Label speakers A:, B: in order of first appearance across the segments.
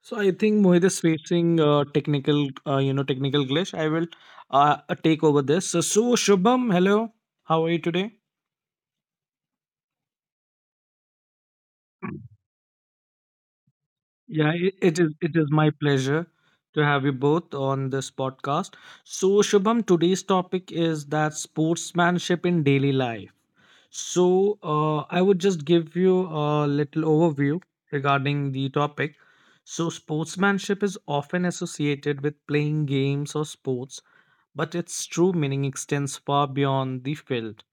A: So I think Mohit is facing technical, technical glitch. I will uh, take over this. So Shubham, hello, how are you today? Yeah, It is my pleasure to have you both on this podcast. So Shubham, today's topic is that sportsmanship in daily life. So I would just give you a little overview regarding the topic. So sportsmanship is often associated with playing games or sports, but its true meaning extends far beyond the field.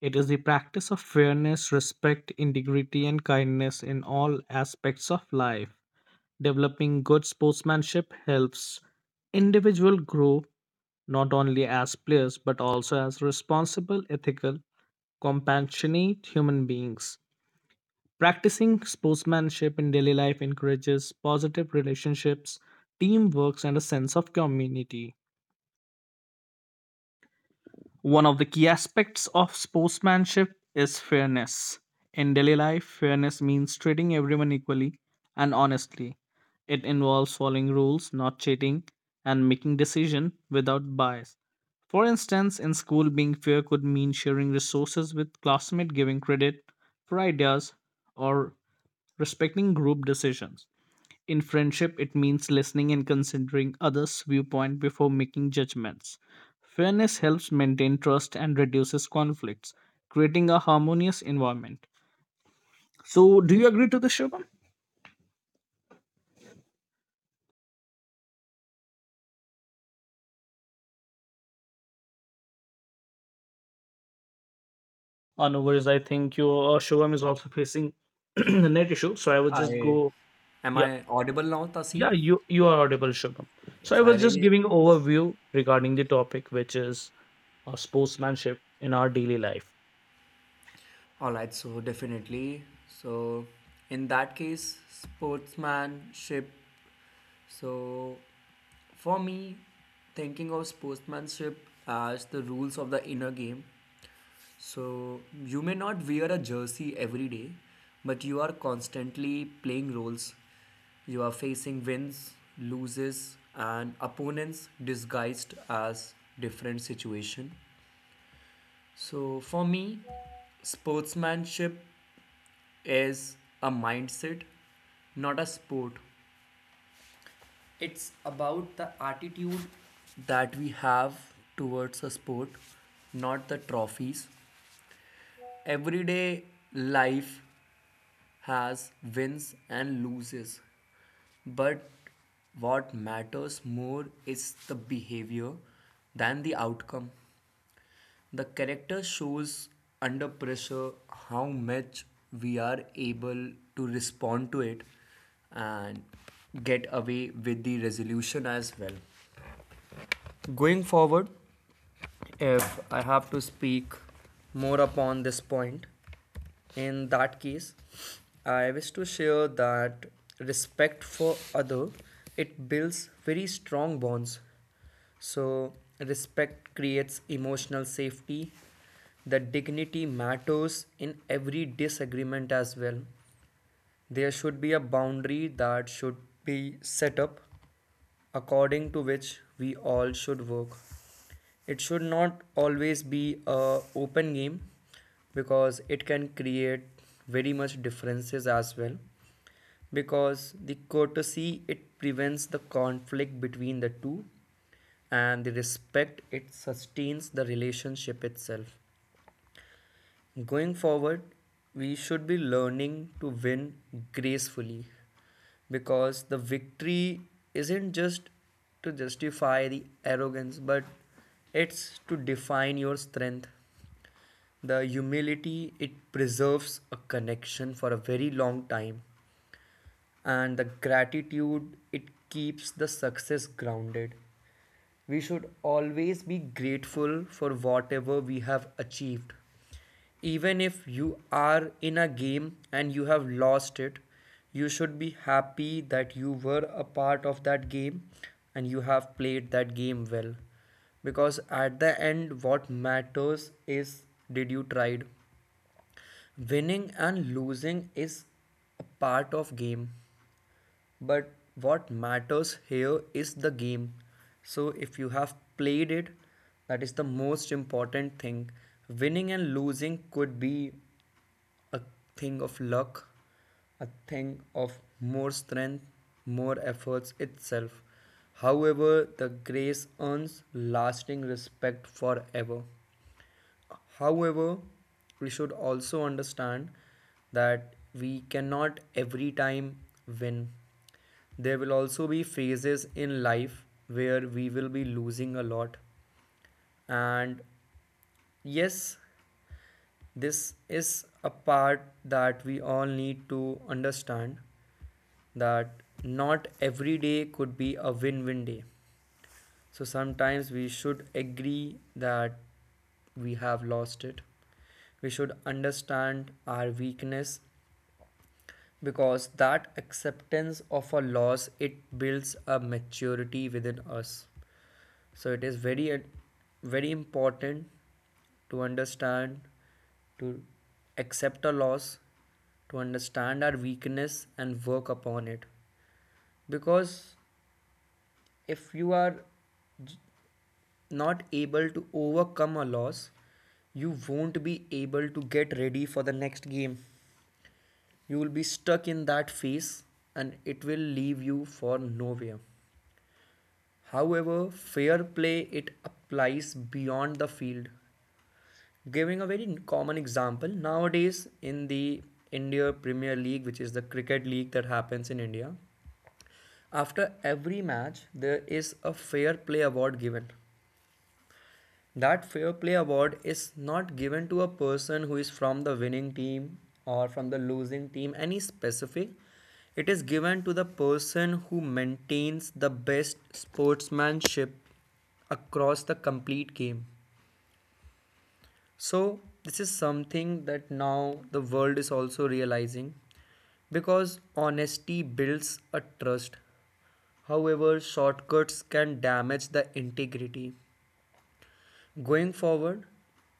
A: It is the practice of fairness, respect, integrity, and kindness in all aspects of life. Developing good sportsmanship helps individuals grow not only as players but also as responsible, ethical, compassionate human beings. Practicing sportsmanship in daily life encourages positive relationships, teamwork, and a sense of community. One of the key aspects of sportsmanship is fairness. In daily life, fairness means treating everyone equally and honestly. It involves following rules, not cheating, and making decisions without bias. For instance, in school, being fair could mean sharing resources with classmates, giving credit for ideas, or respecting group decisions. In friendship, it means listening and considering others' viewpoint before making judgments. Fairness helps maintain trust and reduces conflicts, creating a harmonious environment. So, do you agree to this, Shubham? No worries. I think Shubham is also facing the net issue. So, I will just
B: I
A: go.
B: am
A: Yeah,
B: I audible now,
A: yeah,
B: Tasin?
A: you are audible, Shubham. So,
B: Yes,
A: I
B: I
A: was just
B: really.
A: giving overview regarding the topic, which is sportsmanship in our daily life.
B: All right, so definitely. So in that case, sportsmanship. So for me, thinking of sportsmanship as the rules of the inner game. So you may not wear a jersey every day, but you are constantly playing roles. You are facing wins, loses, and opponents disguised as different situation. So, for me, sportsmanship is a mindset, not a sport. It's about the attitude that we have towards a sport, not the trophies. Everyday life has wins and loses, but what matters more is the behavior than the outcome. The character shows under pressure how much we are able to respond to it and get away with the resolution as well. Going forward, if I have to speak more upon this point, in that case, I wish to share that respect for other it builds very strong bonds. So respect creates emotional safety. The dignity matters in every disagreement as well. There should be a boundary that should be set up according to which we all should work. It should not always be a open game because it can create very much differences as well, because the courtesy it prevents the conflict between the two, and the respect it sustains the relationship itself. Going forward, we should be learning to win gracefully because the victory isn't just to justify the arrogance, but it's to define your strength. The humility it preserves a connection for a very long time, and the gratitude it keeps the success grounded. We should always be grateful for whatever we have achieved. Even if you are in a game and you have lost it, you should be happy that you were a part of that game and you have played that game well, because at the end what matters is, did you tried? Winning and losing is a part of game, but what matters here is the game. So if you have played it, that is the most important thing. Winning and losing could be a thing of luck, a thing of more strength, more efforts itself. However, the grace earns lasting respect forever. However, we should also understand that we cannot every time win. There will also be phases in life where we will be losing a lot. And yes, this is a part that we all need to understand, that not every day could be a win win day. So sometimes we should agree that we have lost it. We should understand our weakness because that acceptance of a loss it builds a maturity within us. So it is very very important to understand, to accept a loss, to understand our weakness and work upon it. Because if you are not able to overcome a loss, you won't be able to get ready for the next game. You will be stuck in that phase and it will leave you for nowhere. However, fair play it applies beyond the field. Giving a very common example, nowadays in the India Premier League, which is the cricket league that happens in India, after every match there is a fair play award given. That fair play award is not given to a person who is from the winning team or from the losing team, any specific. It is given to the person who maintains the best sportsmanship across the complete game. So, this is something that now the world is also realizing, because honesty builds a trust. However, shortcuts can damage the integrity. Going forward,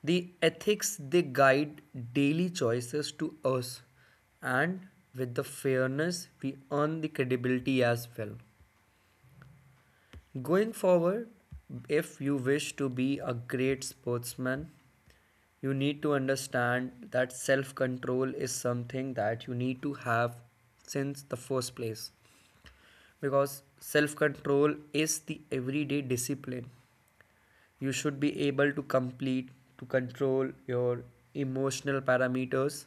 B: the ethics they guide daily choices to us, and with the fairness, we earn the credibility as well. Going forward, if you wish to be a great sportsman, you need to understand that self control is something that you need to have since the first place, because self control is the everyday discipline. You should be able to complete to control your emotional parameters,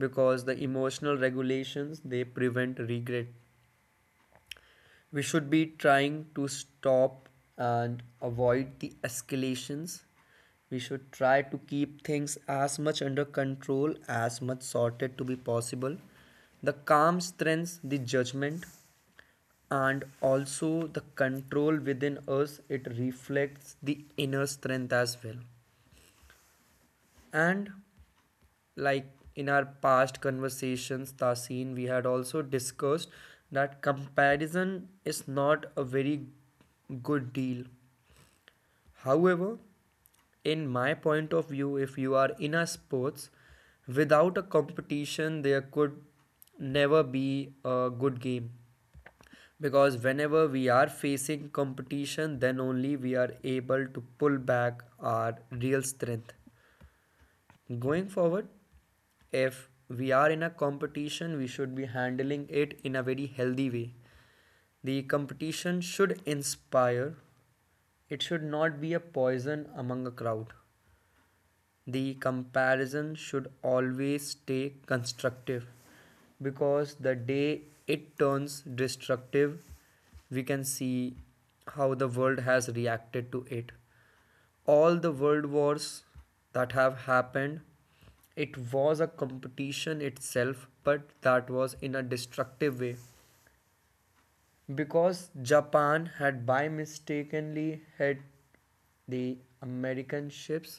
B: because the emotional regulations they prevent regret. We should be trying to stop and avoid the escalations. We should try to keep things as much under control, as much sorted to be possible. The calm strengthens the judgment, and also the control within us it reflects the inner strength as well. And like in our past conversations, Tasin, we had also discussed that comparison is not a very good deal. However, in my point of view, if you are in a sports, without a competition, there could never be a good game. Because whenever we are facing competition, then only we are able to pull back our real strength. Going forward, if we are in a competition, we should be handling it in a very healthy way. The competition should inspire, it should not be a poison among a crowd. The comparison should always stay constructive, because the day it turns destructive, we can see how the world has reacted to it. All the world wars that have happened, it was a competition itself, but that was in a destructive way, because Japan had by mistakenly hit the American ships.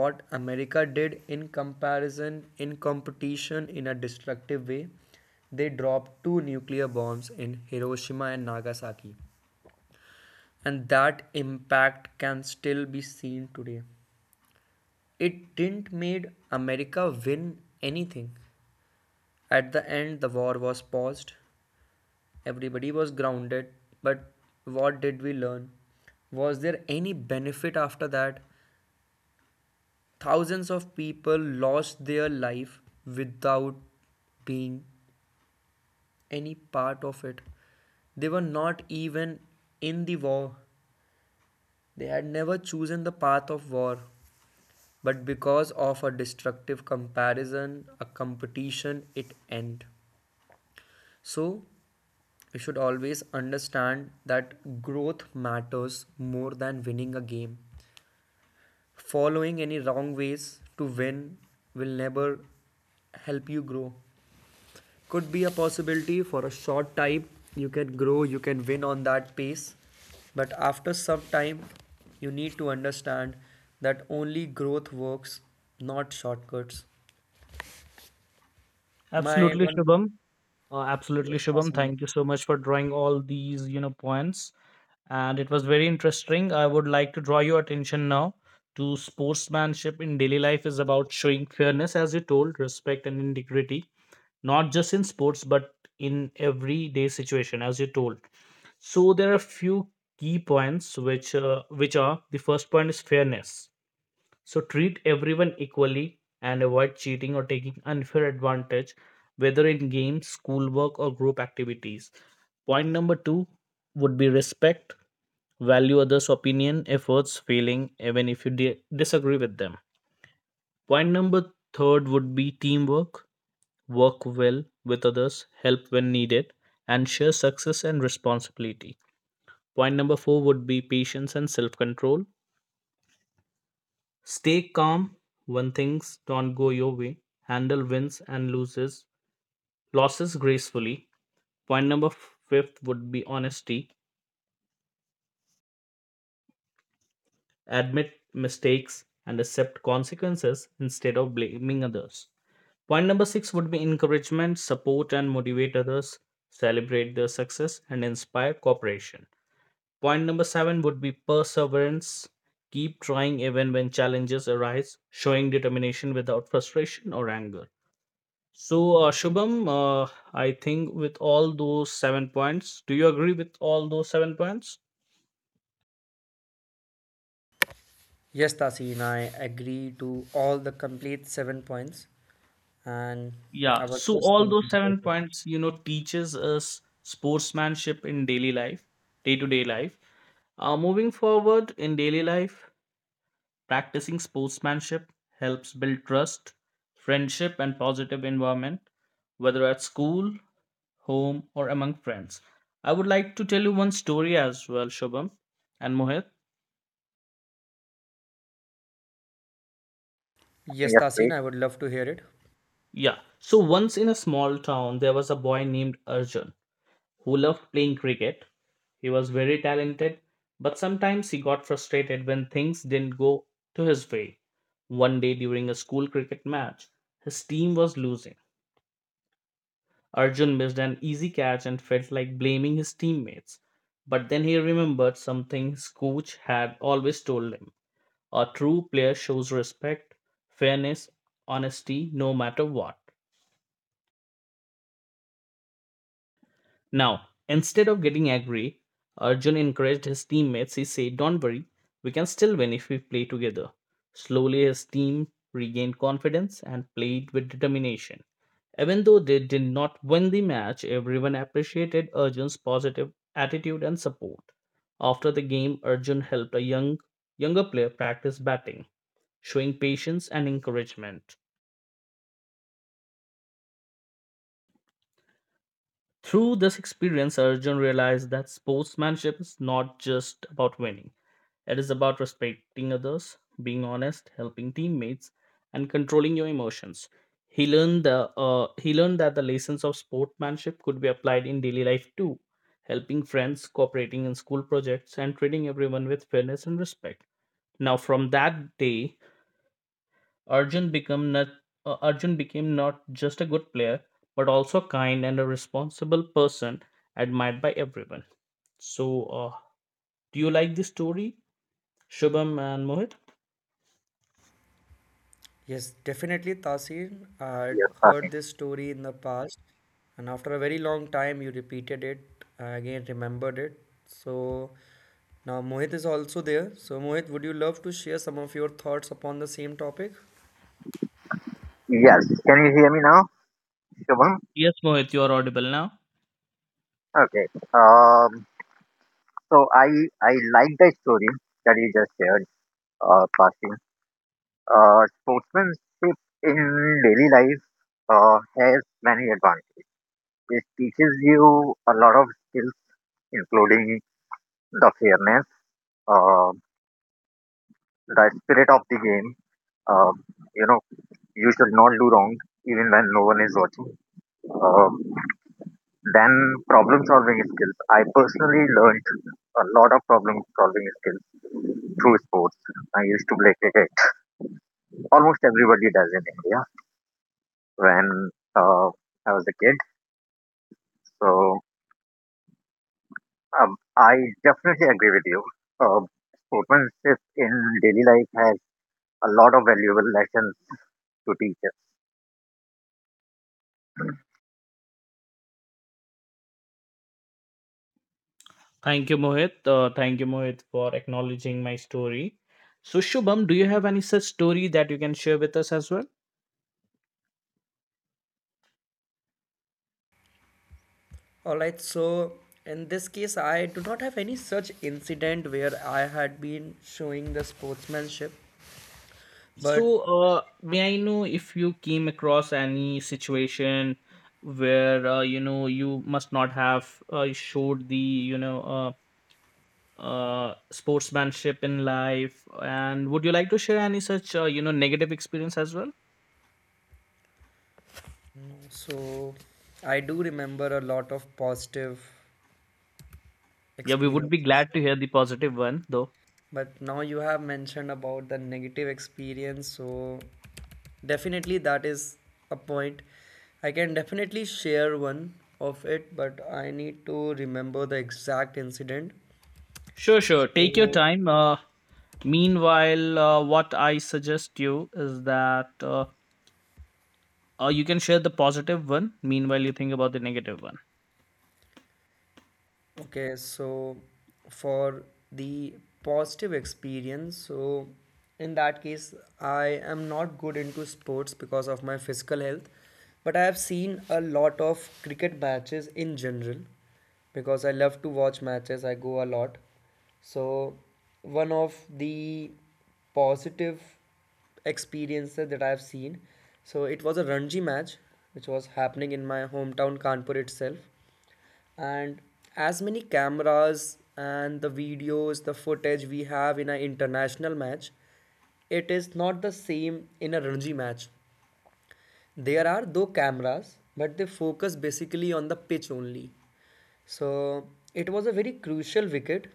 B: What America did in comparison, in competition, in a destructive way, they dropped two nuclear bombs in Hiroshima and Nagasaki, and that impact can still be seen today. It didn't made America win anything. At the end the war was paused. Everybody was grounded, but what did we learn? Was there any benefit after that? Thousands of people lost their life without being any part of it. They were not even in the war. They had never chosen the path of war. But because of a destructive comparison, a competition, it ended. So, we should always understand that growth matters more than winning a game. Following any wrong ways to win will never help you grow. Could be a possibility for a short time, you can grow, you can win on that pace. But after some time, you need to understand that only growth works, not shortcuts. My
A: Absolutely,
B: one,
A: Shubham. Absolutely, Shubham. Thank you so much for drawing all these, points. And it was very interesting. I would like to draw your attention now to sportsmanship in daily life is about showing fairness, as you told, respect and integrity, not just in sports, but in everyday situation, as you told. So there are a few key points which are the first point is fairness. So treat everyone equally and avoid cheating or taking unfair advantage, whether in games, schoolwork, or group activities. Point number two would be respect, value others' opinion, efforts, feeling, even if you disagree with them. Point number third would be teamwork, work well with others, help when needed, and share success and responsibility. Point number four would be patience and self control. Stay calm when things don't go your way. Handle wins and loses losses gracefully. Point number fifth would be honesty. Admit mistakes and accept consequences instead of blaming others. Point number six would be encouragement, support, and motivate others, celebrate their success, and inspire cooperation. Point number seven would be perseverance. Keep trying even when challenges arise, showing determination without frustration or anger. So, Shubham, I think with all those seven points, do you agree with all those seven points?
B: yes, Tasin, I agree to all the complete seven points. And I
A: Yeah.
B: was
A: So,
B: just
A: all those
B: thinking about
A: seven
B: it.
A: points, teaches us sportsmanship in daily life, day to day life. Moving forward in daily life, practicing sportsmanship helps build trust, friendship, and positive environment, whether at school, home, or among friends. I would like to tell you one story as well, Shubham and Mohit.
B: Yes, Tasin, I would love to hear it.
A: Yeah. So once in a small town, there was a boy named Arjun who loved playing cricket. He was very talented, but sometimes he got frustrated when things didn't go to his way. One day during a school cricket match, his team was losing. Arjun missed an easy catch and felt like blaming his teammates. But then he remembered something his coach had always told him, a true player shows respect, fairness, honesty, no matter what. Now, instead of getting angry, Arjun encouraged his teammates. He said, don't worry, we can still win if we play together. Slowly, his team regained confidence and played with determination. Even though they did not win the match, everyone appreciated Arjun's positive attitude and support. After the game, Arjun helped a younger player practice batting, showing patience and encouragement. Through this experience, Arjun realized that sportsmanship is not just about winning. It is about respecting others, being honest, helping teammates, and controlling your emotions. He learned that the lessons of sportsmanship could be applied in daily life too, helping friends, cooperating in school projects, and treating everyone with fairness and respect. Now, from that day, Arjun become not Arjun became not just a good player, but also a kind and a responsible person admired by everyone. So, do you like this story, Shubham and Mohit?
B: Yes, definitely, Tasin. I'd heard this story in the past, and after a very long time, you repeated it. I again remembered it. So now Mohit is also there. So, Mohit, would you love to share some of your thoughts upon the same topic?
C: Yes. Can you hear me now, Shubham?
A: Yes, Mohit, you are audible now.
C: Okay. Um, so I like the story that you just shared, passing. Sportsmanship in daily life has many advantages. It teaches you a lot of skills, including the fairness, uh, the spirit of the game. Uh, you know, you should not do wrong even when no one is watching. Uh, Then problem solving skills. I personally learned a lot of problem solving skills through sports. I used to play cricket. Almost everybody does in India when uh, I was a kid. So I definitely agree with you. Uh, Sportsmanship in daily life has a lot of valuable lessons to teach us.
A: Thank you, Mohit. Thank you, Mohit, for acknowledging my story. So, Shubham, do you have any such story that you can share with us as well?
B: All right, so in this case, I do not have any such incident where I had been showing the sportsmanship, but
A: So, may I know if you came across any situation where you must not have showed the sportsmanship in life, and would you like to share any such negative experience as well?
B: so I do remember a lot of positive
A: Yeah, we would be
B: experiences,
A: glad to hear the positive one, though.
B: but now you have mentioned about the negative experience, so definitely that is a point. I can definitely share one of it, but I need to remember the exact incident.
A: Sure, sure. Take your
B: So
A: time. Meanwhile, what I suggest you is that you can share the positive one. Meanwhile, you think about the negative one.
B: okay, so for the positive experience, so in that case, I am not good into sports because of my physical health, but I have seen a lot of cricket matches in general because I love to watch matches, I go a lot. So, one of the positive experiences that I've seen, so it was a Ranji match which was happening in my hometown Kanpur itself, and as many cameras and the videos the footage we have in an international match, it is not the same in a Ranji match. There are though cameras, but they focus basically on the pitch only. So it was a very crucial wicket,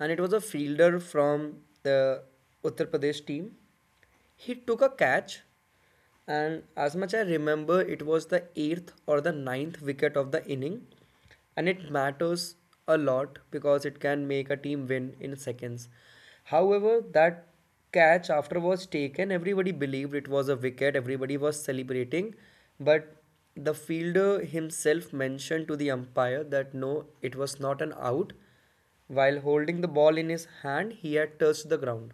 B: and it was a fielder from the Uttar Pradesh team. He took a catch, and as much I remember it was the eighth or the ninth wicket of the inning, and it matters a lot because it can make a team win in seconds. However, that catch after was taken, everybody believed it was a wicket, everybody was celebrating, but the fielder himself mentioned to the umpire that no, it was not an out. While holding the ball in his hand, he had touched the ground.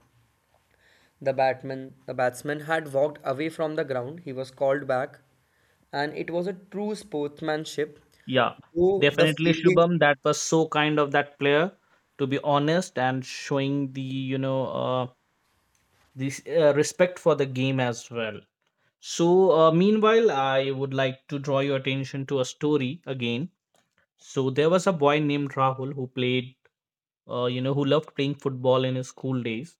B: The batsman had walked away from the ground. He was called back, and it was a true sportsmanship.
A: Yeah,
B: Though the
A: definitely,
B: fielding.
A: Shubham. That was so kind of that player to be honest and showing the this respect for the game as well. So, meanwhile, I would like to draw your attention to a story again. So there was a boy named Rahul who who loved playing football in his school days.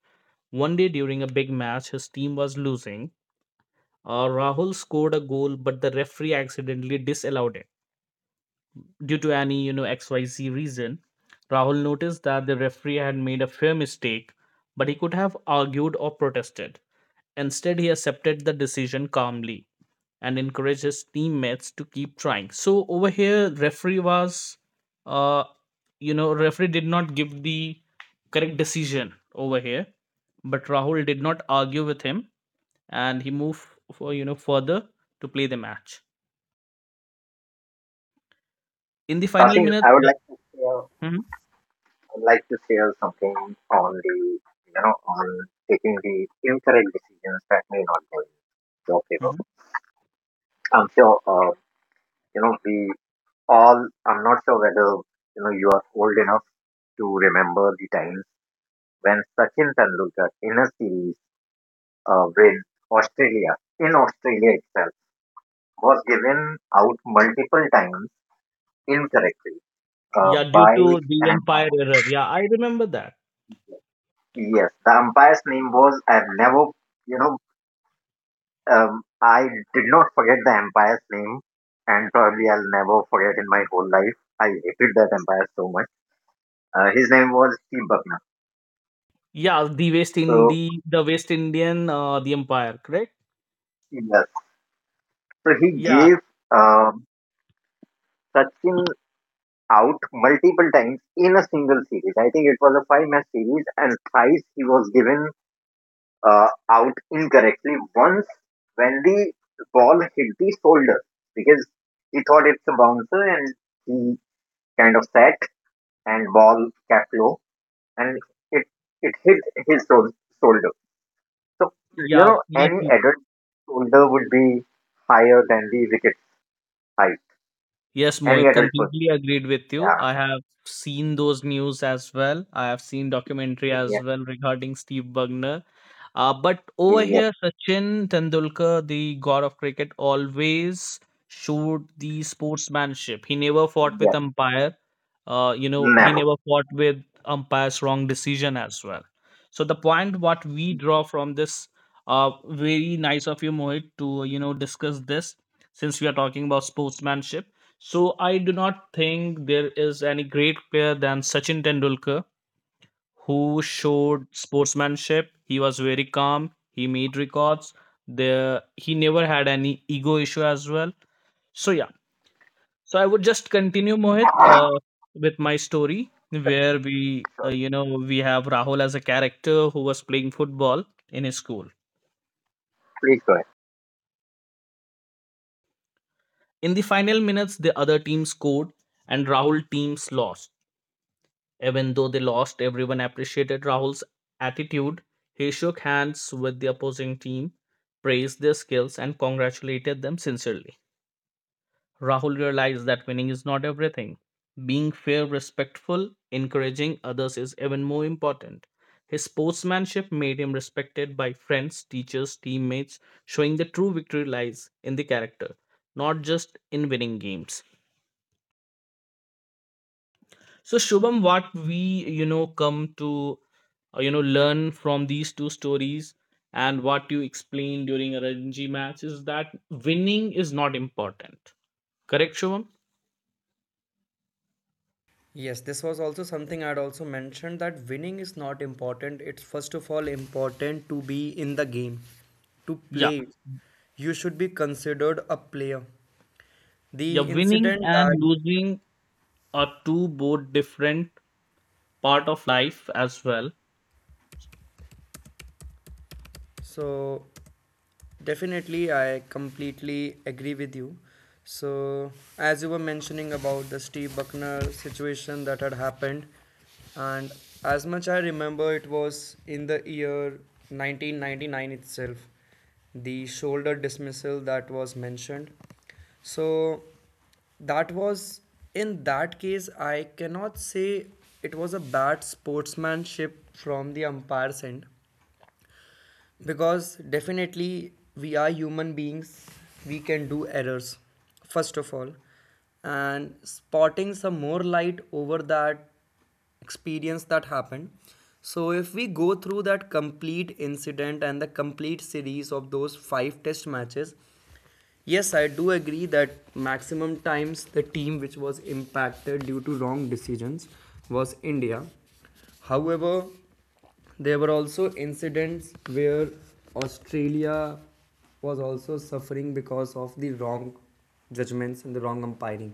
A: One day during a big match, his team was losing. Rahul scored a goal, but the referee accidentally disallowed it due to any, XYZ reason. Rahul noticed that the referee had made a fair mistake, but he could have argued or protested. Instead, he accepted the decision calmly and encourage his teammates to keep trying. So over here, referee was, uh, referee did not give the correct decision over here, but Rahul did not argue with him, and he moved for further to play the match. In the final
C: Tasi,
A: minutes, Mhm,
C: I'd like to share something on the you know on taking the incorrect decisions that may not go in your favor.
A: mhm.
C: I'm sure you know we all I'm not sure whether you are old enough to remember the times when Sachin Tendulkar, in a series with Australia, in Australia itself, was given out multiple times incorrectly
A: Yeah, due
C: by
A: to the
C: an
A: umpire
C: umpire.
A: error. Yeah, I remember that.
C: Yes, the umpire's name was, I've never you know um, I did not forget the umpire's name, and probably I'll never forget in my whole life. I hated that umpire so much. His name was Steve Buckner.
A: Yeah,
C: So,
A: The West Indian, the umpire, correct?
C: yes. So he
A: Yeah,
C: gave um, Sachin out multiple times in a single series. I think it was a five match series, and twice he was given out incorrectly. Once, when the ball hit the shoulder because he thought it's a bouncer and he kind of sat and ball kept low, and it it hit his shoulder. So you
A: yeah,
C: know
A: yes,
C: any adult shoulder would be higher than the wicket height.
A: Yes,
C: Any
A: Mohit,
C: adult person.
A: completely agreed with you.
C: Yeah,
A: I have seen those news as well. I have seen documentary as
C: yeah.
A: well regarding Steve Bugner. But over
C: Yes,
A: here, Sachin Tendulkar, the god of cricket, always showed the sportsmanship. He never fought
C: yes,
A: with umpire. He
C: never.
A: never fought with umpire's wrong decision as well. So the point what we draw from this, very nice of you, Mohit, to discuss this since we are talking about sportsmanship. So I do not think there is any great player than Sachin Tendulkar who showed sportsmanship. He was very calm. He made records. The he never had any ego issue as well. So yeah. So I would just continue Mohit with my story where we
C: Sure.
A: you know we have Rahul as a character who was playing football in his school.
C: Please go ahead.
A: In the final minutes, the other team scored and Rahul teams lost. Even though they lost, everyone appreciated Rahul's attitude. He shook hands with the opposing team, praised their skills, and congratulated them sincerely. Rahul realized that winning is not everything. Being fair, respectful, encouraging others is even more important. His sportsmanship made him respected by friends, teachers, teammates, showing the true victory lies in the character, not just in winning games. So, Shubham, what we, come to, learn from these two stories and what you explained during a Ranji match is that winning is not important. Correct, Shubham?
B: Yes, this was also something I'd also mentioned, that winning is not important. It's first of all important to be in the game, to
A: Yeah.
B: play. You should be considered a player.
A: Yeah,
B: The
A: winning
B: incident
A: and
B: that
A: losing are two both different part of life as well.
B: So definitely I completely agree with you. So as you were mentioning about the Steve Buckner situation that had happened, and as much I remember, it was in the year 1999 itself, the shoulder dismissal that was mentioned. So that was, in that case I cannot say it was a bad sportsmanship from the umpire's end, because definitely we are human beings, we can do errors first of all, and spotting some more light over that experience that happened. So if we go through that complete incident and the complete series of those five test matches, yes I do agree that maximum times the team which was impacted due to wrong decisions was India. However, there were also incidents where Australia was also suffering because of the wrong judgments and the wrong umpiring.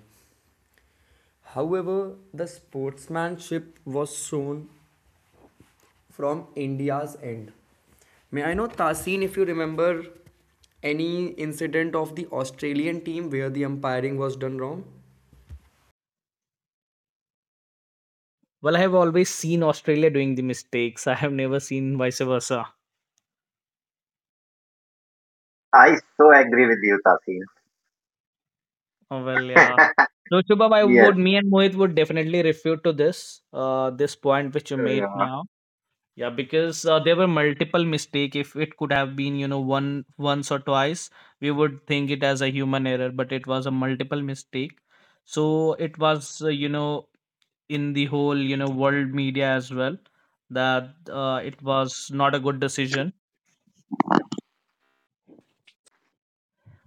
B: However, the sportsmanship was shown from India's end. May I know, Tasin, if you remember any incident of the Australian team where the umpiring was done wrong?
A: Well, I have always seen Australia doing the mistakes. I have never seen vice versa.
C: I so agree with you, Tasin.
A: Oh, well, yeah. So, Shubham,
C: Yes,
A: me and Mohit would definitely refute to this, this point which you made
C: uh,
A: now. Yeah, because there were multiple mistake. If it could have been, one once or twice, we would think it as a human error, but it was a multiple mistake. So it was, in the whole, world media as well that it was not a good decision.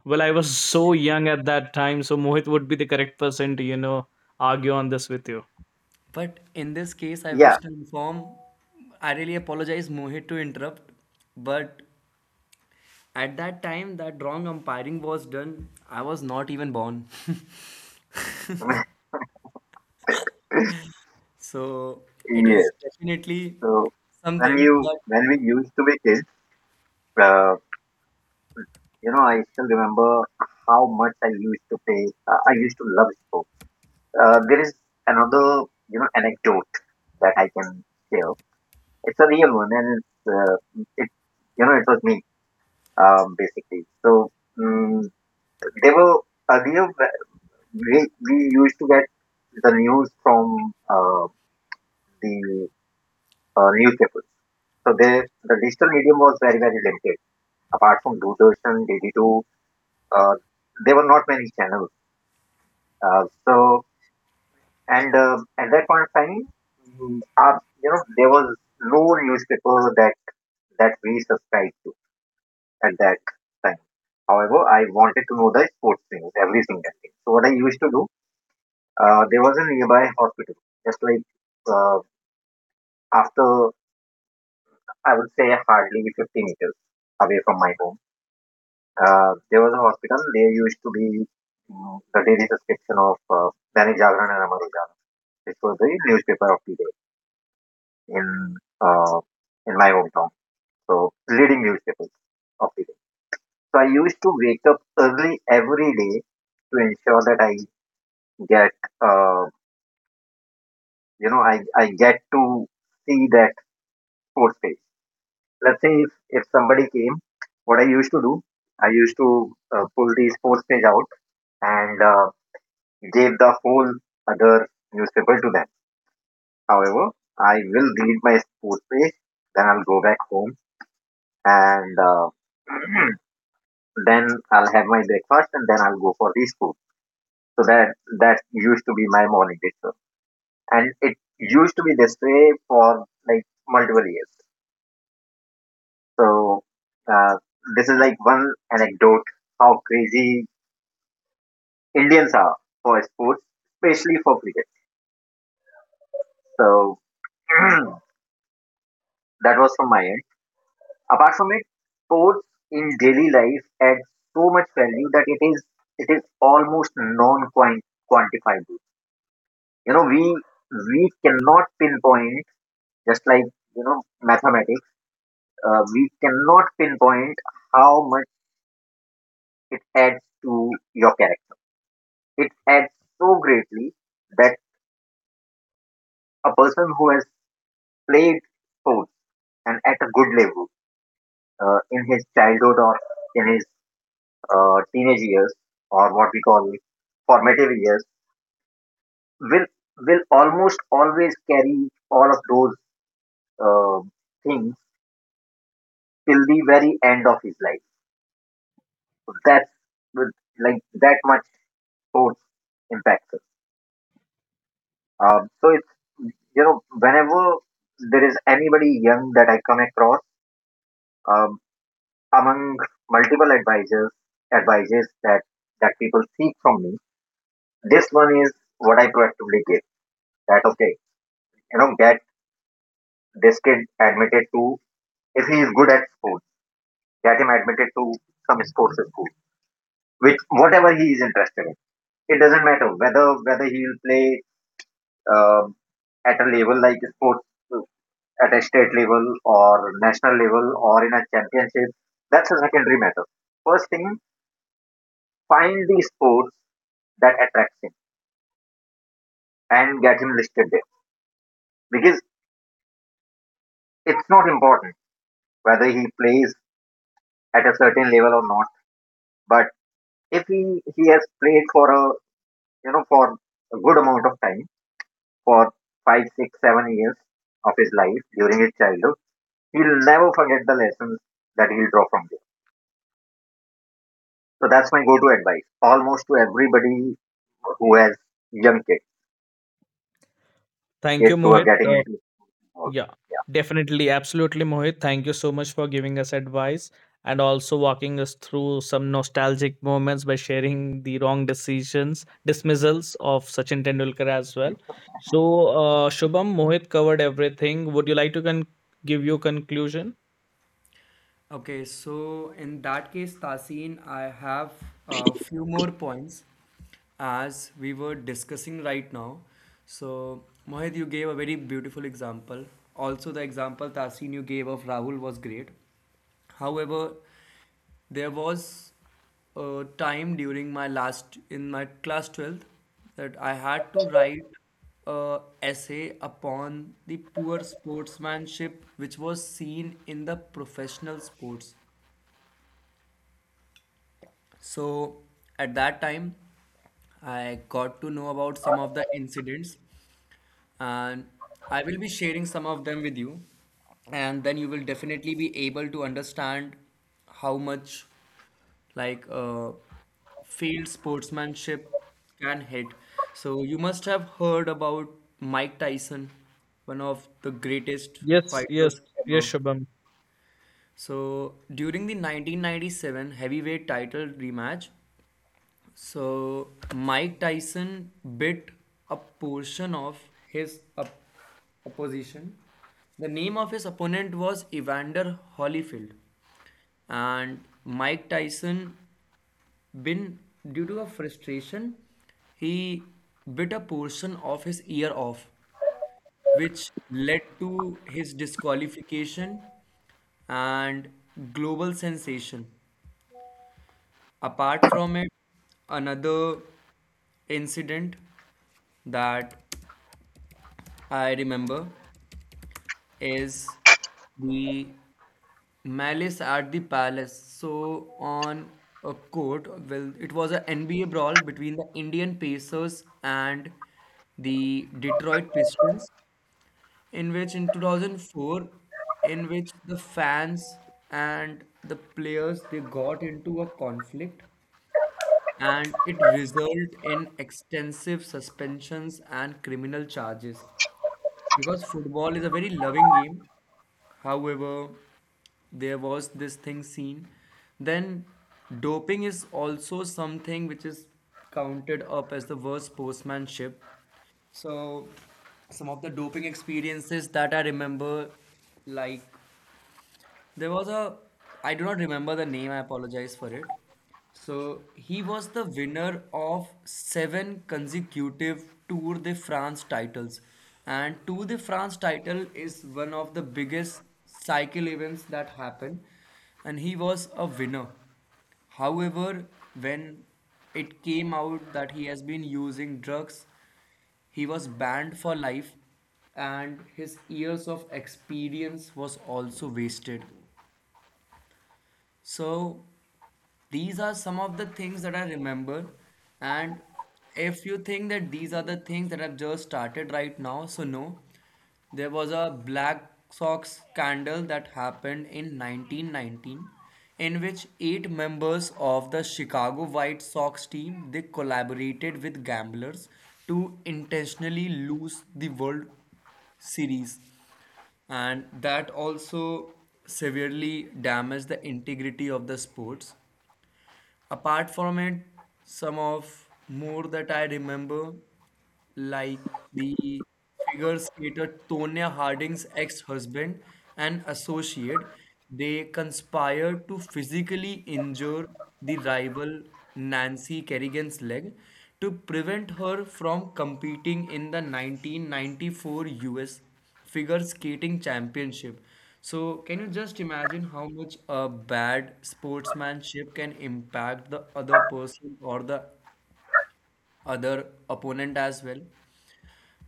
A: Well, I was so young at that time, so Mohit would be the correct person to, argue on this with you.
B: But in this case, I
C: yeah,
B: wish to inform, I really apologize, Mohit, to interrupt, but at that time, that wrong umpiring was done, I was not even born. So it is
C: yes.
B: definitely
C: So when
B: something.
C: you
B: But
C: when we used to be kids, uh, I still remember how much I used to play. I used to love sports. There is another, anecdote that I can share. It's a real one, and it's it, you know, it was me, basically. So um, they were earlier we used to get the news from the newspapers. So there, the digital medium was very, very limited. Apart from Doordarshan, DD2, uh, there were not many channels. So, and at that point of time, there was no newspaper that we subscribed to at that time. However, I wanted to know the sports news, everything, that thing. So what I used to do, there was a nearby hospital, just like uh, after I would say hardly 50 meters away from my home. There was a hospital. There used to be the daily subscription of Dainik Jagran and Amar Ujala, which was the newspaper of the day in uh, in my hometown. So, leading newspapers of the day. So I used to wake up early every day to ensure that I get uh, you know I get to see that sports page. Let's say if somebody came, what I used to do, I used to pull the sports page out and gave the whole other newspaper to them. However, I will read my sports page, then I'll go back home and then I'll have my breakfast and then I'll go for the school. So that used to be my morning ritual, and it used to be this way for like multiple years. So uh, this is like one anecdote how crazy Indians are for sports, especially for cricket. So that was from my end. Apart from it, sports in daily life adds so much value that it is almost non quantifiable. You know, we we cannot pinpoint, just like mathematics. We cannot pinpoint how much it adds to your character. It adds so greatly that a person who has played sports, and at a good level in his childhood, or in his teenage years, or what we call formative years, will will almost always carry all of those uh, things till the very end of his life. That's with- like that much force impacts us. So it's you know whenever there is anybody young that I come across, um, among multiple advisors advices that people seek from me, this one is what I proactively give, that, okay, get this kid admitted to, if he is good at sports, get him admitted to some sports school, which whatever he is interested in. It doesn't matter whether he will play, um, at a level like sports at a state level, or national level, or in a championship. That's a secondary matter. First thing, find the sports that attracts him and get him listed there, because it's not important whether he plays at a certain level or not. But if he has played for you know for a good amount of time, for 5, 6, 7 years of his life during his childhood, he'll never forget the lessons that he'll draw from there. So that's my go-to advice, almost to everybody who has young kids
A: Thank
C: kids
A: you,
C: who are
A: Mohit.
C: getting into football.
A: Yeah,
C: Yeah.
A: definitely. Absolutely, Mohit. Thank you so much for giving us advice and also walking us through some nostalgic moments by sharing the wrong decisions, dismissals of Sachin Tendulkar as well. So, Shubham, Mohit covered everything. Would you like to give your conclusion?
B: okay, so in that case, Tasin, I have a few more points as we were discussing right now. So Mohit, you gave a very beautiful example. Also, the example, Tasin, you gave of Rahul was great. However, there was a time during my last, in my class 12th, that I had to write a essay upon the poor sportsmanship which was seen in the professional sports. So at that time I got to know about some of the incidents, and I will be sharing some of them with you, and then you will definitely be able to understand how much like field sportsmanship can hit. So you must have heard about Mike Tyson, one of the greatest
A: Yes, yes,
B: fighters
A: yes,
B: ever.
A: Shubham.
B: So during the 1997 heavyweight title rematch, so Mike Tyson bit a portion of his opposition. The name of his opponent was Evander Holyfield, and Mike Tyson, been due to a frustration, he bit a portion of his ear off, which led to his disqualification and global sensation. Apart from it, another incident that I remember is the Malice at the Palace. So on a court, well, it was an NBA brawl between the Indian Pacers and the Detroit Pistons, in which in 2004, in which the fans and the players, they got into a conflict and it resulted in extensive suspensions and criminal charges. Because football is a very loving game, however, there was this thing seen. Then doping is also something which is counted up as the worst sportsmanship. So, some of the doping experiences that I remember, like there was a, I do not remember the name, I apologize for it. So he was the winner of 7 consecutive Tour de France titles. And Tour de France title is one of the biggest cycle events that happen. And he was a winner. However, when it came out that he has been using drugs, he was banned for life and his years of experience was also wasted. So these are some of the things that I remember. And if you think that these are the things that I've just started right now, so no, there was a Black Sox scandal that happened in 1919, in which eight members of the Chicago White Sox team, they collaborated with gamblers to intentionally lose the World Series, and that also severely damaged the integrity of the sports. Apart from it, some of more that I remember, like the figure skater Tonya Harding's ex-husband and associate, they conspired to physically injure the rival Nancy Kerrigan's leg to prevent her from competing in the 1994 US figure skating championship. So, can you just imagine how much a bad sportsmanship can impact the other person or the other opponent as well?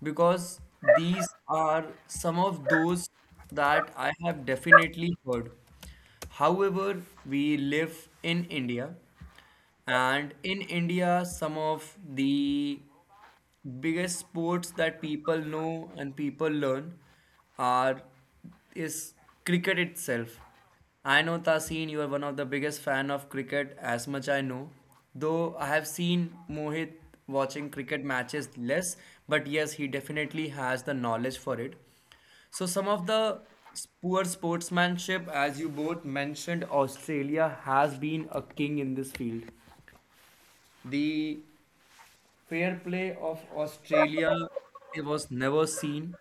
B: Because these are some of those that I have definitely heard. However, we live in India, and in India, some of the biggest sports that people know and people learn are, is cricket itself. I know Tasin, you are one of the biggest fan of cricket, as much I know. Though I have seen Mohit watching cricket matches less, but yes, he definitely has the knowledge for it. So some of the poor sportsmanship, as you both mentioned, Australia has been a king in this field. The fair play of Australia, it was never seen.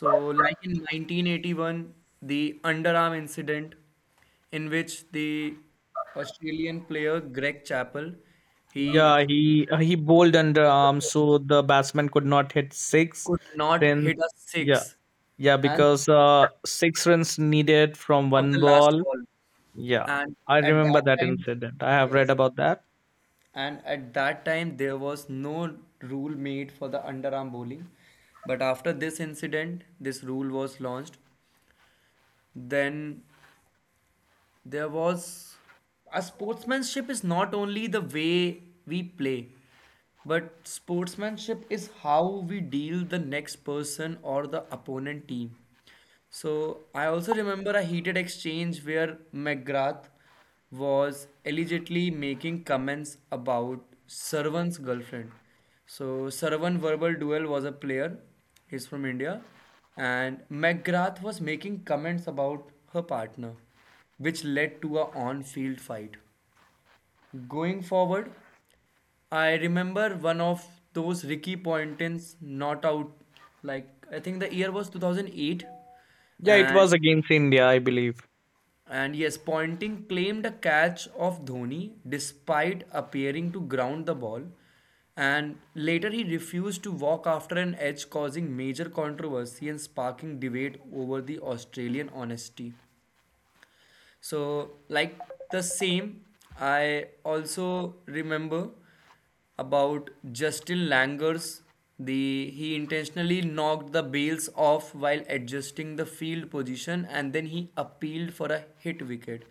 B: So, like in 1981, the underarm incident in which the Australian player Greg Chappell, he
A: Yeah, he bowled underarm, so the batsman could not hit six.
B: could not
A: Since
B: hit a
A: yeah,
B: six
A: yeah,
B: and
A: because six runs needed from
B: of
A: one
B: the last
A: ball.
B: ball.
A: Yeah,
B: And
A: I
B: at
A: remember
B: that
A: that
B: time,
A: incident. I have read
B: yes,
A: about that.
B: and at that time there was no rule made for the underarm bowling, but after this incident this rule was launched. Then there was a, sportsmanship is not only the way we play, but sportsmanship is how we deal the next person or the opponent team. So I also remember a heated exchange where McGrath was allegedly making comments about Sarvan's girlfriend. So Sarvan Verbal Duel was a player. He's from India. And McGrath was making comments about her partner, which led to a on-field fight. Going forward, I remember one of those Ricky Ponting's not out, like I think the year was 2008,
A: Yeah, it
B: and
A: was against India, I believe.
B: and yes, Pointing claimed a catch of Dhoni despite appearing to ground the ball. And later he refused to walk after an edge, causing major controversy and sparking debate over the Australian honesty. So, like the same, I also remember about Justin Langer's, the, he intentionally knocked the bails off while adjusting the field position, and then he appealed for a hit wicket,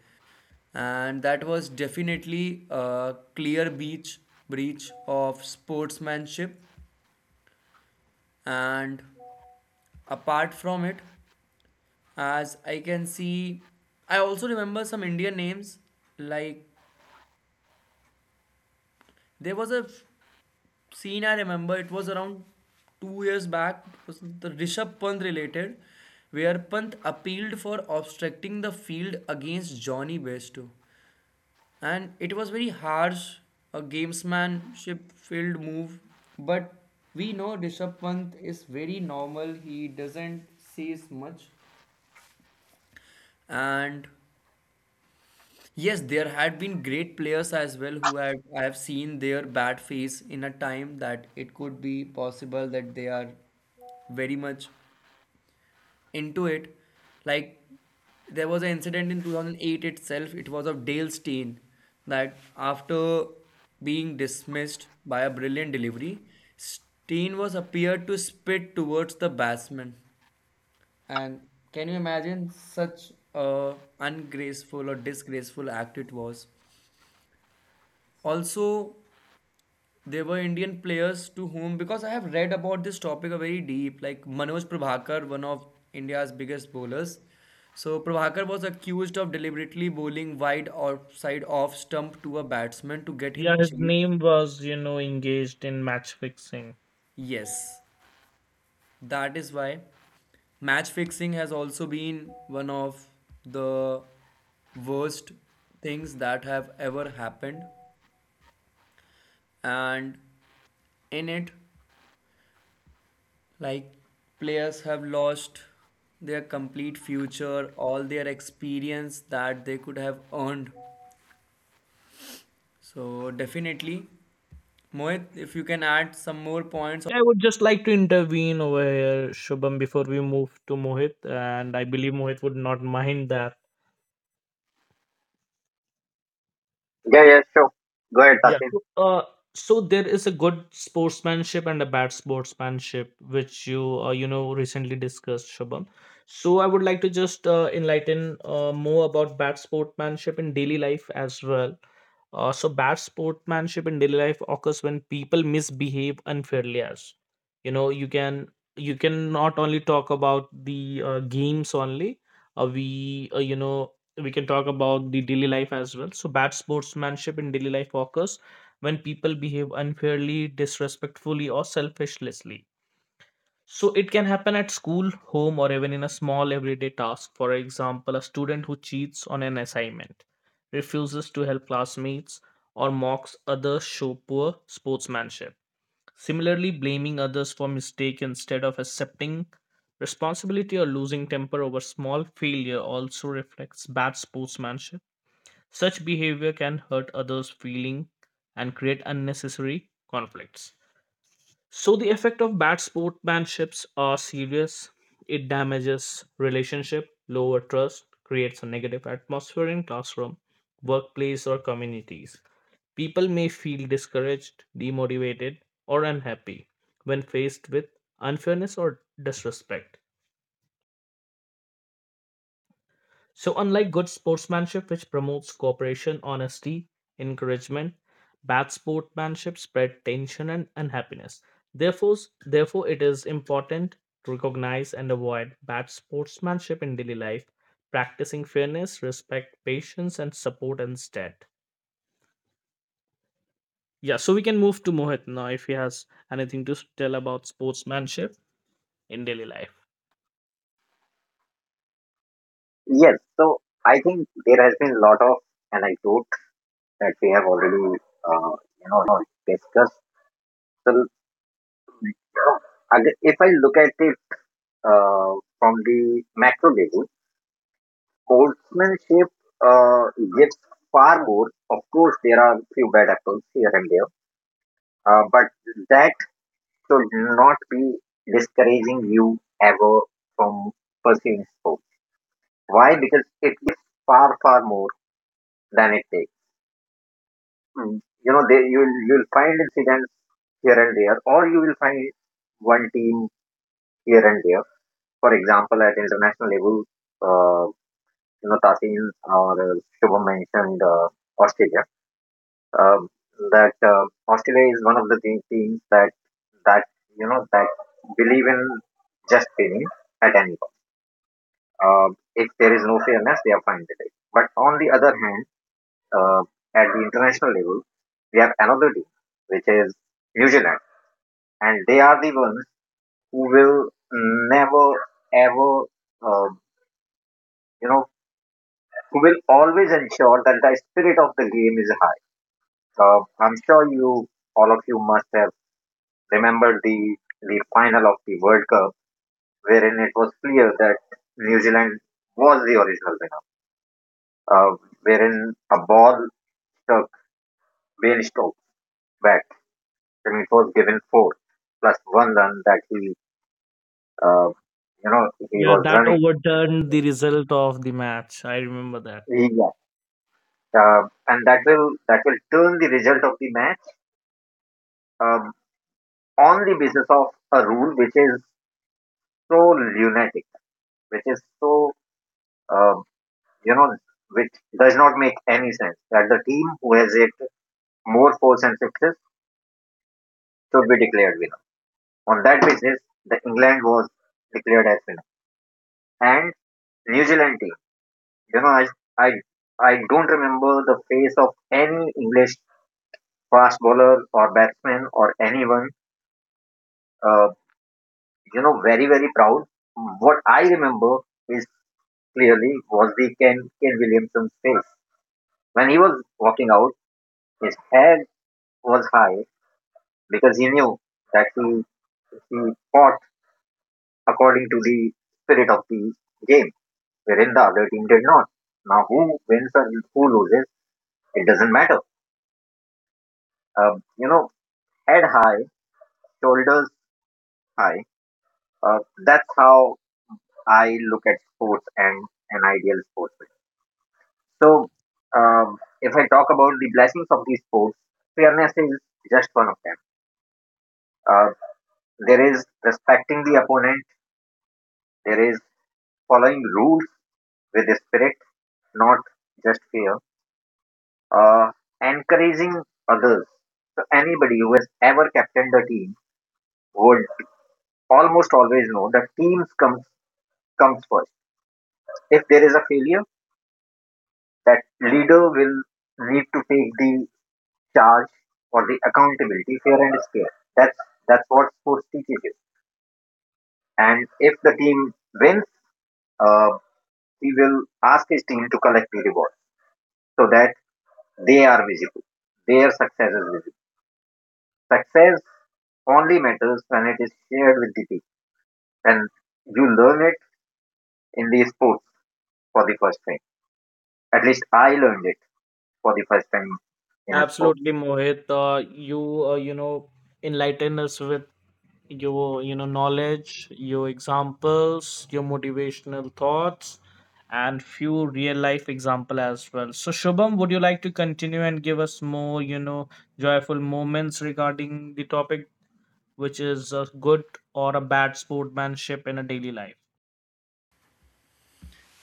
B: and that was definitely a clear breach of sportsmanship. And apart from it, as I can see, I also remember some Indian names, like there was a scene I remember. It was around 2 years back. It was the Rishabh Pant related, where Pant appealed for obstructing the field against Johnny Besto, and it was very harsh, a gamesmanship filled move. But we know Rishabh Pant is very normal. He doesn't says much, and yes, there had been great players as well who had, I have seen their bad face in a time that it could be possible that they are very much into it. Like there was an incident in 2008 itself. It was of Dale Steyn, that after being dismissed by a brilliant delivery, Steyn was appeared to spit towards the batsman. And can you imagine such a ungraceful or disgraceful act it was? Also there were Indian players to whom, because I have read about this topic very deep, like Manoj Prabhakar, one of India's biggest bowlers. So Prabhakar was accused of deliberately bowling wide outside off stump to a batsman to get
A: Yeah,
B: him
A: his
B: chase.
A: name was, you know, engaged in match fixing.
B: Yes, that is why match fixing has also been one of the worst things that have ever happened, and in it like players have lost their complete future, all their experience that they could have earned. So definitely, Mohit, if you can add some more points.
A: Yeah, I would just like to intervene over here, Shubham, before we move to Mohit, and I believe Mohit would not mind that.
C: Yeah, yeah, sure. Go ahead,
A: Yeah.
C: Tasin.
A: So there is a good sportsmanship and a bad sportsmanship, which you know recently discussed, Shubham. So I would like to just enlighten more about bad sportsmanship in daily life as well. So bad sportsmanship in daily life occurs when people misbehave unfairly. As you know, you can not only talk about the games only. We you know we can talk about the daily life as well. So bad sportsmanship in daily life occurs when people behave unfairly, disrespectfully, or selfishly. So it can happen at school, home, or even in a small everyday task. For example, a student who cheats on an assignment, refuses to help classmates, or mocks others show poor sportsmanship. Similarly, blaming others for mistake instead of accepting responsibility or losing temper over small failure also reflects bad sportsmanship. Such behavior can hurt others' feeling and create unnecessary conflicts. So the effect of bad sportsmanships are serious. It damages relationship, lower trust, creates a negative atmosphere in classroom, workplace or communities. People may feel discouraged, demotivated or unhappy when faced with unfairness or disrespect. So, unlike good sportsmanship, which promotes cooperation, honesty, encouragement, bad sportsmanship spread tension and unhappiness. Therefore, therefore, it is important to recognize and avoid bad sportsmanship in daily life, practicing fairness, respect, patience, and support instead. Yeah, so we can move to Mohit now if he has anything to tell about sportsmanship in daily life.
C: Yes, so I think there has been a lot of anecdote that we have already uh, you know discussed. so, you know, if I look at it from the macro level, sportsmanship uh, gives far more. Of course, there are few bad apples here and there, but that should not be discouraging you ever from pursuing sports. Why? Because it gives far, far more than it takes. Mm. There you'll find incidents here and there, or you will find one team here and there. For example, at international level, uh, Tasin or Shubham mentioned Australia. Um, that Australia is one of the teams that that you know that believe in just winning at any cost. If there is no fairness, they are fine with it. But on the other hand, uh, at the international level, we have another team, which is New Zealand, and they are the ones who will never ever, uh, you know who will always ensure that the spirit of the game is high. I'm sure you, all of you, must have remembered the final of the World Cup, wherein it was clear that New Zealand was the original winner. Uh, Wherein a ball struck Wayne Stokes back, and it was given four plus one run that uh, he
A: Yeah,
C: was
A: that
C: running.
A: overturned the result of the match. I remember that.
C: Yeah. And that will turn the result of the match, um, on the basis of a rule, which is so lunatic, which is so uh, you know, which does not make any sense, that the team who has hit more fours and sixes should be declared winner. On that basis, the England was declared as winner. And New Zealand team, you know, I, I, I don't remember the face of any English fast bowler or batsman or anyone, uh, very, very proud. What I remember is clearly was the Ken Williamson's face. When he was walking out, his head was high because he knew that he fought according to the spirit of the game, wherein the other team did not. Now, who wins and who loses, it doesn't matter. Um, you know, Head high, shoulders high. Uh, that's how I look at sports and an ideal sportsman. So, if I talk about the blessings of these sports, fairness is just one of them. Uh, there is respecting the opponent. There is following rules with the spirit, not just fear. uh, Encouraging others. So anybody who has ever captained the team would almost always know that teams comes first. If there is a failure, that leader will need to take the charge or the accountability fair and square. That's that's what sports teaches you. And if the team wins, uh, he will ask his team to collect the reward so that they are visible. Their success is visible. Success only matters when it is shared with the team, and you learn it in the sports for the first time. At least I learned it for the first time in a sport.
A: Absolutely, Mohit. You know enlighten us with your you know knowledge, your examples, your motivational thoughts, and few real life example as well. So, Shubham, would you like to continue and give us more you know joyful moments regarding the topic, which is a good or a bad sportsmanship in a daily life?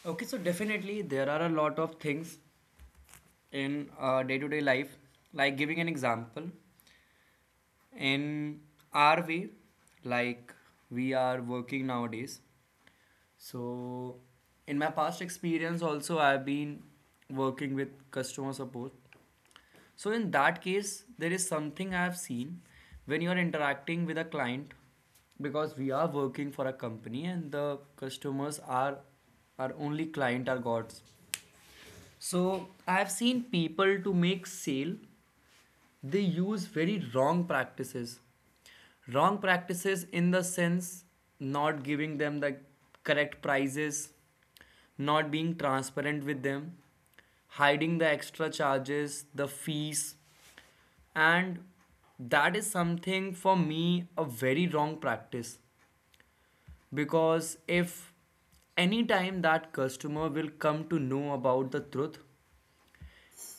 B: Okay, so definitely there are a lot of things in day-to-day life. Like giving an example, in our way, like we are working nowadays. So in my past experience also I've been working with customer support. So in that case, there is something I have seen when you are interacting with a client, because we are working for a company and the customers are our only client, are gods. So I have seen people, to make sale they use very wrong practices, wrong practices in the sense not giving them the correct prices, not being transparent with them, hiding the extra charges, the fees, and that is something for me a very wrong practice. Because if any time that customer will come to know about the truth,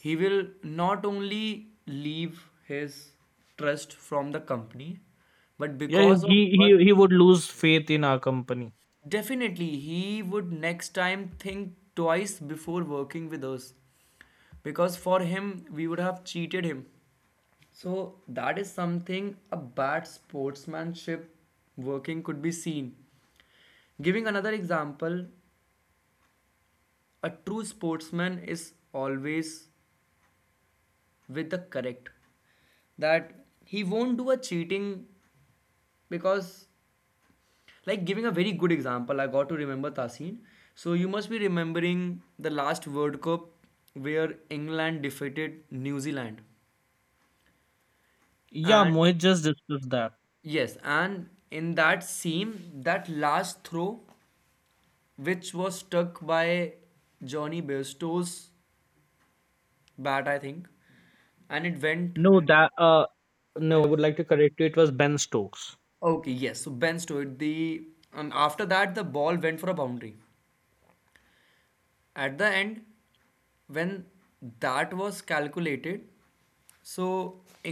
B: he will not only leave his trust from the company, but
A: Yeah,
B: because of
A: he he
B: one
A: he would lose faith in our company.
B: definitely he would next time think twice before working with us, because for him we would have cheated him. So that is something a bad sportsmanship working could be seen. Giving another example, a true sportsman is always with the correct, that he won't do a cheating. Because like giving a very good example, I got to remember Tasin, so you must be remembering the last World Cup where England defeated New Zealand,
A: Yeah,
B: and
A: Mohit just discussed that.
B: yes, and in that seam, that last throw which was stuck by Johnny Bairstow's bat, I think, and it went,
A: No, that uh, no, I would like to correct you. It was Ben Stokes.
B: okay, yes, so Ben Stowed the, and after that the ball went for a boundary at the end when that was calculated. So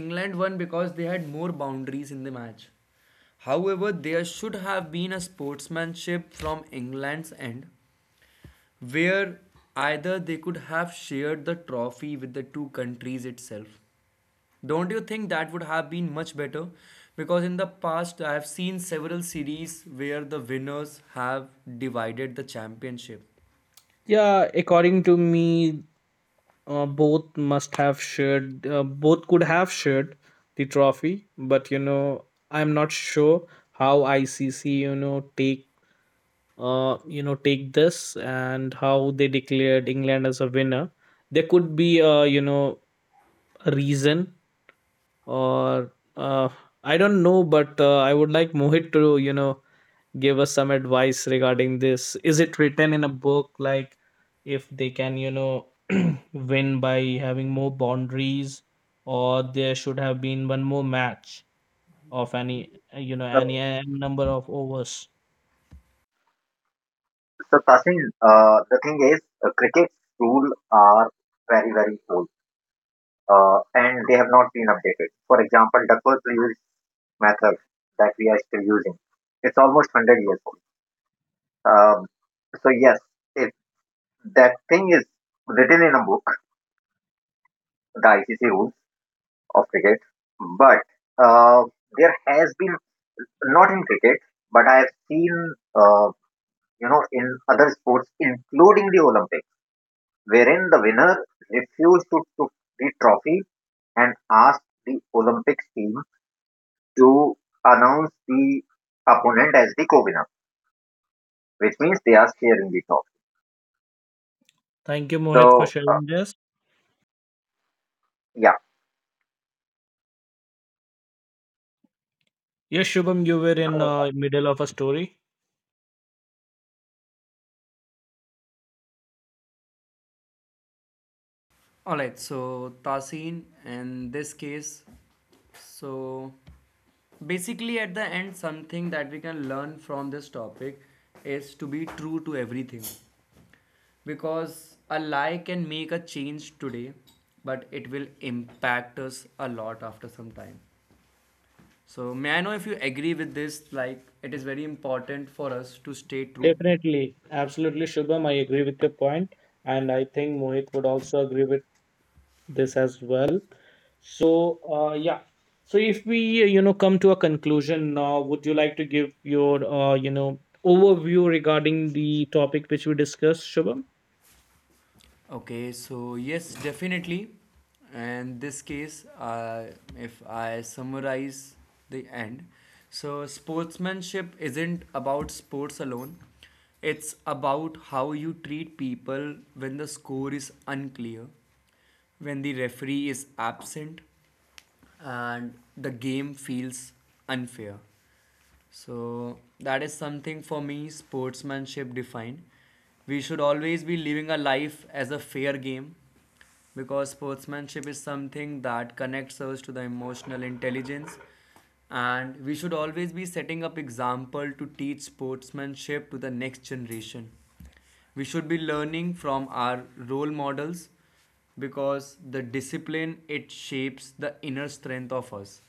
B: England won because they had more boundaries in the match. However, there should have been a sportsmanship from England's end where either they could have shared the trophy with the two countries itself. Don't you think that would have been much better? Because in the past I have seen several series where the winners have divided the championship.
A: Yeah, according to me, both must have shared, both could have shared the trophy, but you know, I'm not sure how ICC, you know, take this and how they declared England as a winner. There could be a, you know, a reason or I don't know, but I would like Mohit to, you know, give us some advice regarding this. Is it written in a book like if they can you know win by having more boundaries or there should have been one more match of any you know
C: So,
A: any number of overs?
C: Tasin, the thing is, cricket's rules are very, very old, and they have not been updated. For example, Duckworth Lewis method that we are still using, it's almost 100 years old. Um, so, yes, if that thing is written in a book, the ICC rules of cricket. But uh, there has been, not in cricket, but I have seen, in other sports, including the Olympics, wherein the winner refused to took the trophy and asked the Olympics team to announce the opponent as the co-winner, which means they are sharing the trophy.
A: Thank you, Mohit, for
C: So,
A: sharing this.
C: yeah,
A: Yes, Shubham, you were in middle of a story.
B: All right, so Tasin, in this case, so basically at the end, something that we can learn from this topic is to be true to everything, because a lie can make a change today, but it will impact us a lot after some time. So, may I know if you agree with this? Like, it is very important for us to stay true.
A: Definitely. Absolutely, Shubham. I agree with your point and I think Mohit would also agree with this as well. Yeah. So, if we, you know, come to a conclusion, now, would you like to give your, you know, overview regarding the topic which we discussed, Shubham?
B: Okay, so yes, definitely. And this case, if I summarize the end, so sportsmanship isn't about sports alone. It's about how you treat people when the score is unclear, when the referee is absent, and the game feels unfair. So that is something for me sportsmanship defined. We should always be living a life as a fair game, because sportsmanship is something that connects us to the emotional intelligence, and we should always be setting up example to teach sportsmanship to the next generation. We should be learning from our role models because the discipline, it shapes the inner strength of us.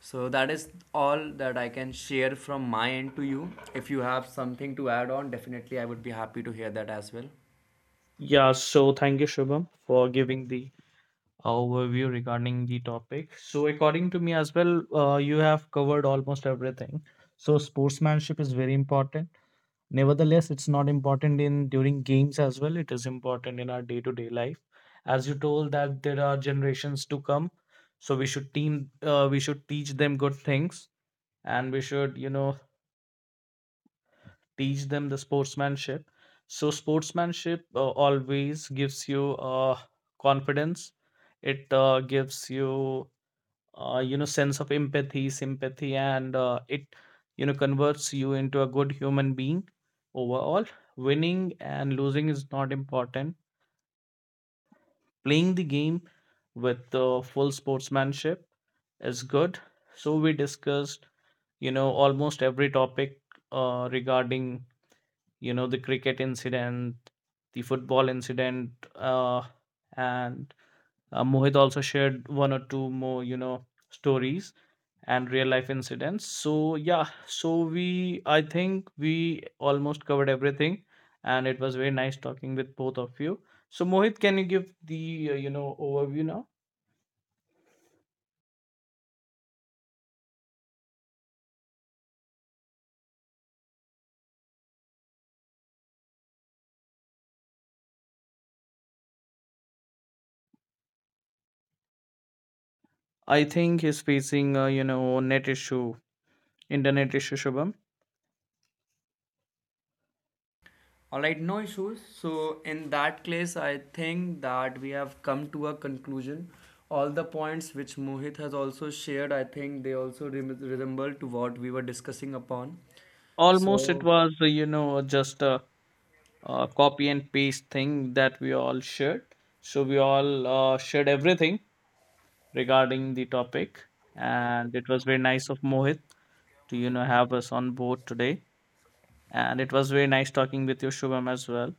B: So that is all that I can share from my end to you. If you have something to add on, definitely I would be happy to hear that as well.
A: Yeah. So, thank you, Shubham, for giving the overview regarding the topic. So, according to me as well, you have covered almost everything. So, sportsmanship is very important. Nevertheless, it's not important in during games as well. It is important in our day-to-day life. As you told that there are generations to come, so we should team we should teach them good things and we should, you know, teach them the sportsmanship. So sportsmanship always gives you confidence. It gives you you know sense of empathy, sympathy, and it you know converts you into a good human being overall. Winning and losing is not important. Playing the game with full sportsmanship is good. So we discussed you know almost every topic regarding you know the cricket incident, the football incident, uh, and Mohit also shared one or two more you know stories and real life incidents. So yeah, so we I think we almost covered everything and it was very nice talking with both of you. So Mohit, can you give the you know overview now? I think he's facing you know net issue, internet issue. Shubham,
B: All right, no issues. So in that case, I think that we have come to a conclusion. All the points which Mohit has also shared, I think they also resemble to what we were discussing upon.
A: almost it
B: So
A: was you know just a, copy and paste thing that we all shared. So we all shared everything regarding the topic and it was very nice of Mohit to you know have us on board today. And it was very nice talking with you, Shubham, as well.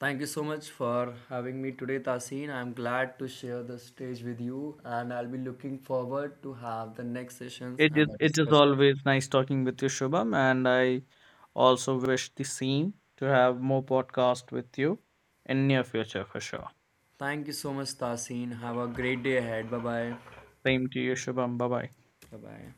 B: thank you so much for having me today, Tasin. I'm glad to share the stage with you, and I'll be looking forward to have the next sessions
A: It is
B: and the
A: it is
B: discussion.
A: always nice talking with you, Shubham, and I also wish the same to have more podcast with you in near future for sure.
B: Thank you so much, Tasin. Have a great day ahead. Bye bye.
A: Same to you, Shubham. Bye bye.
B: Bye bye.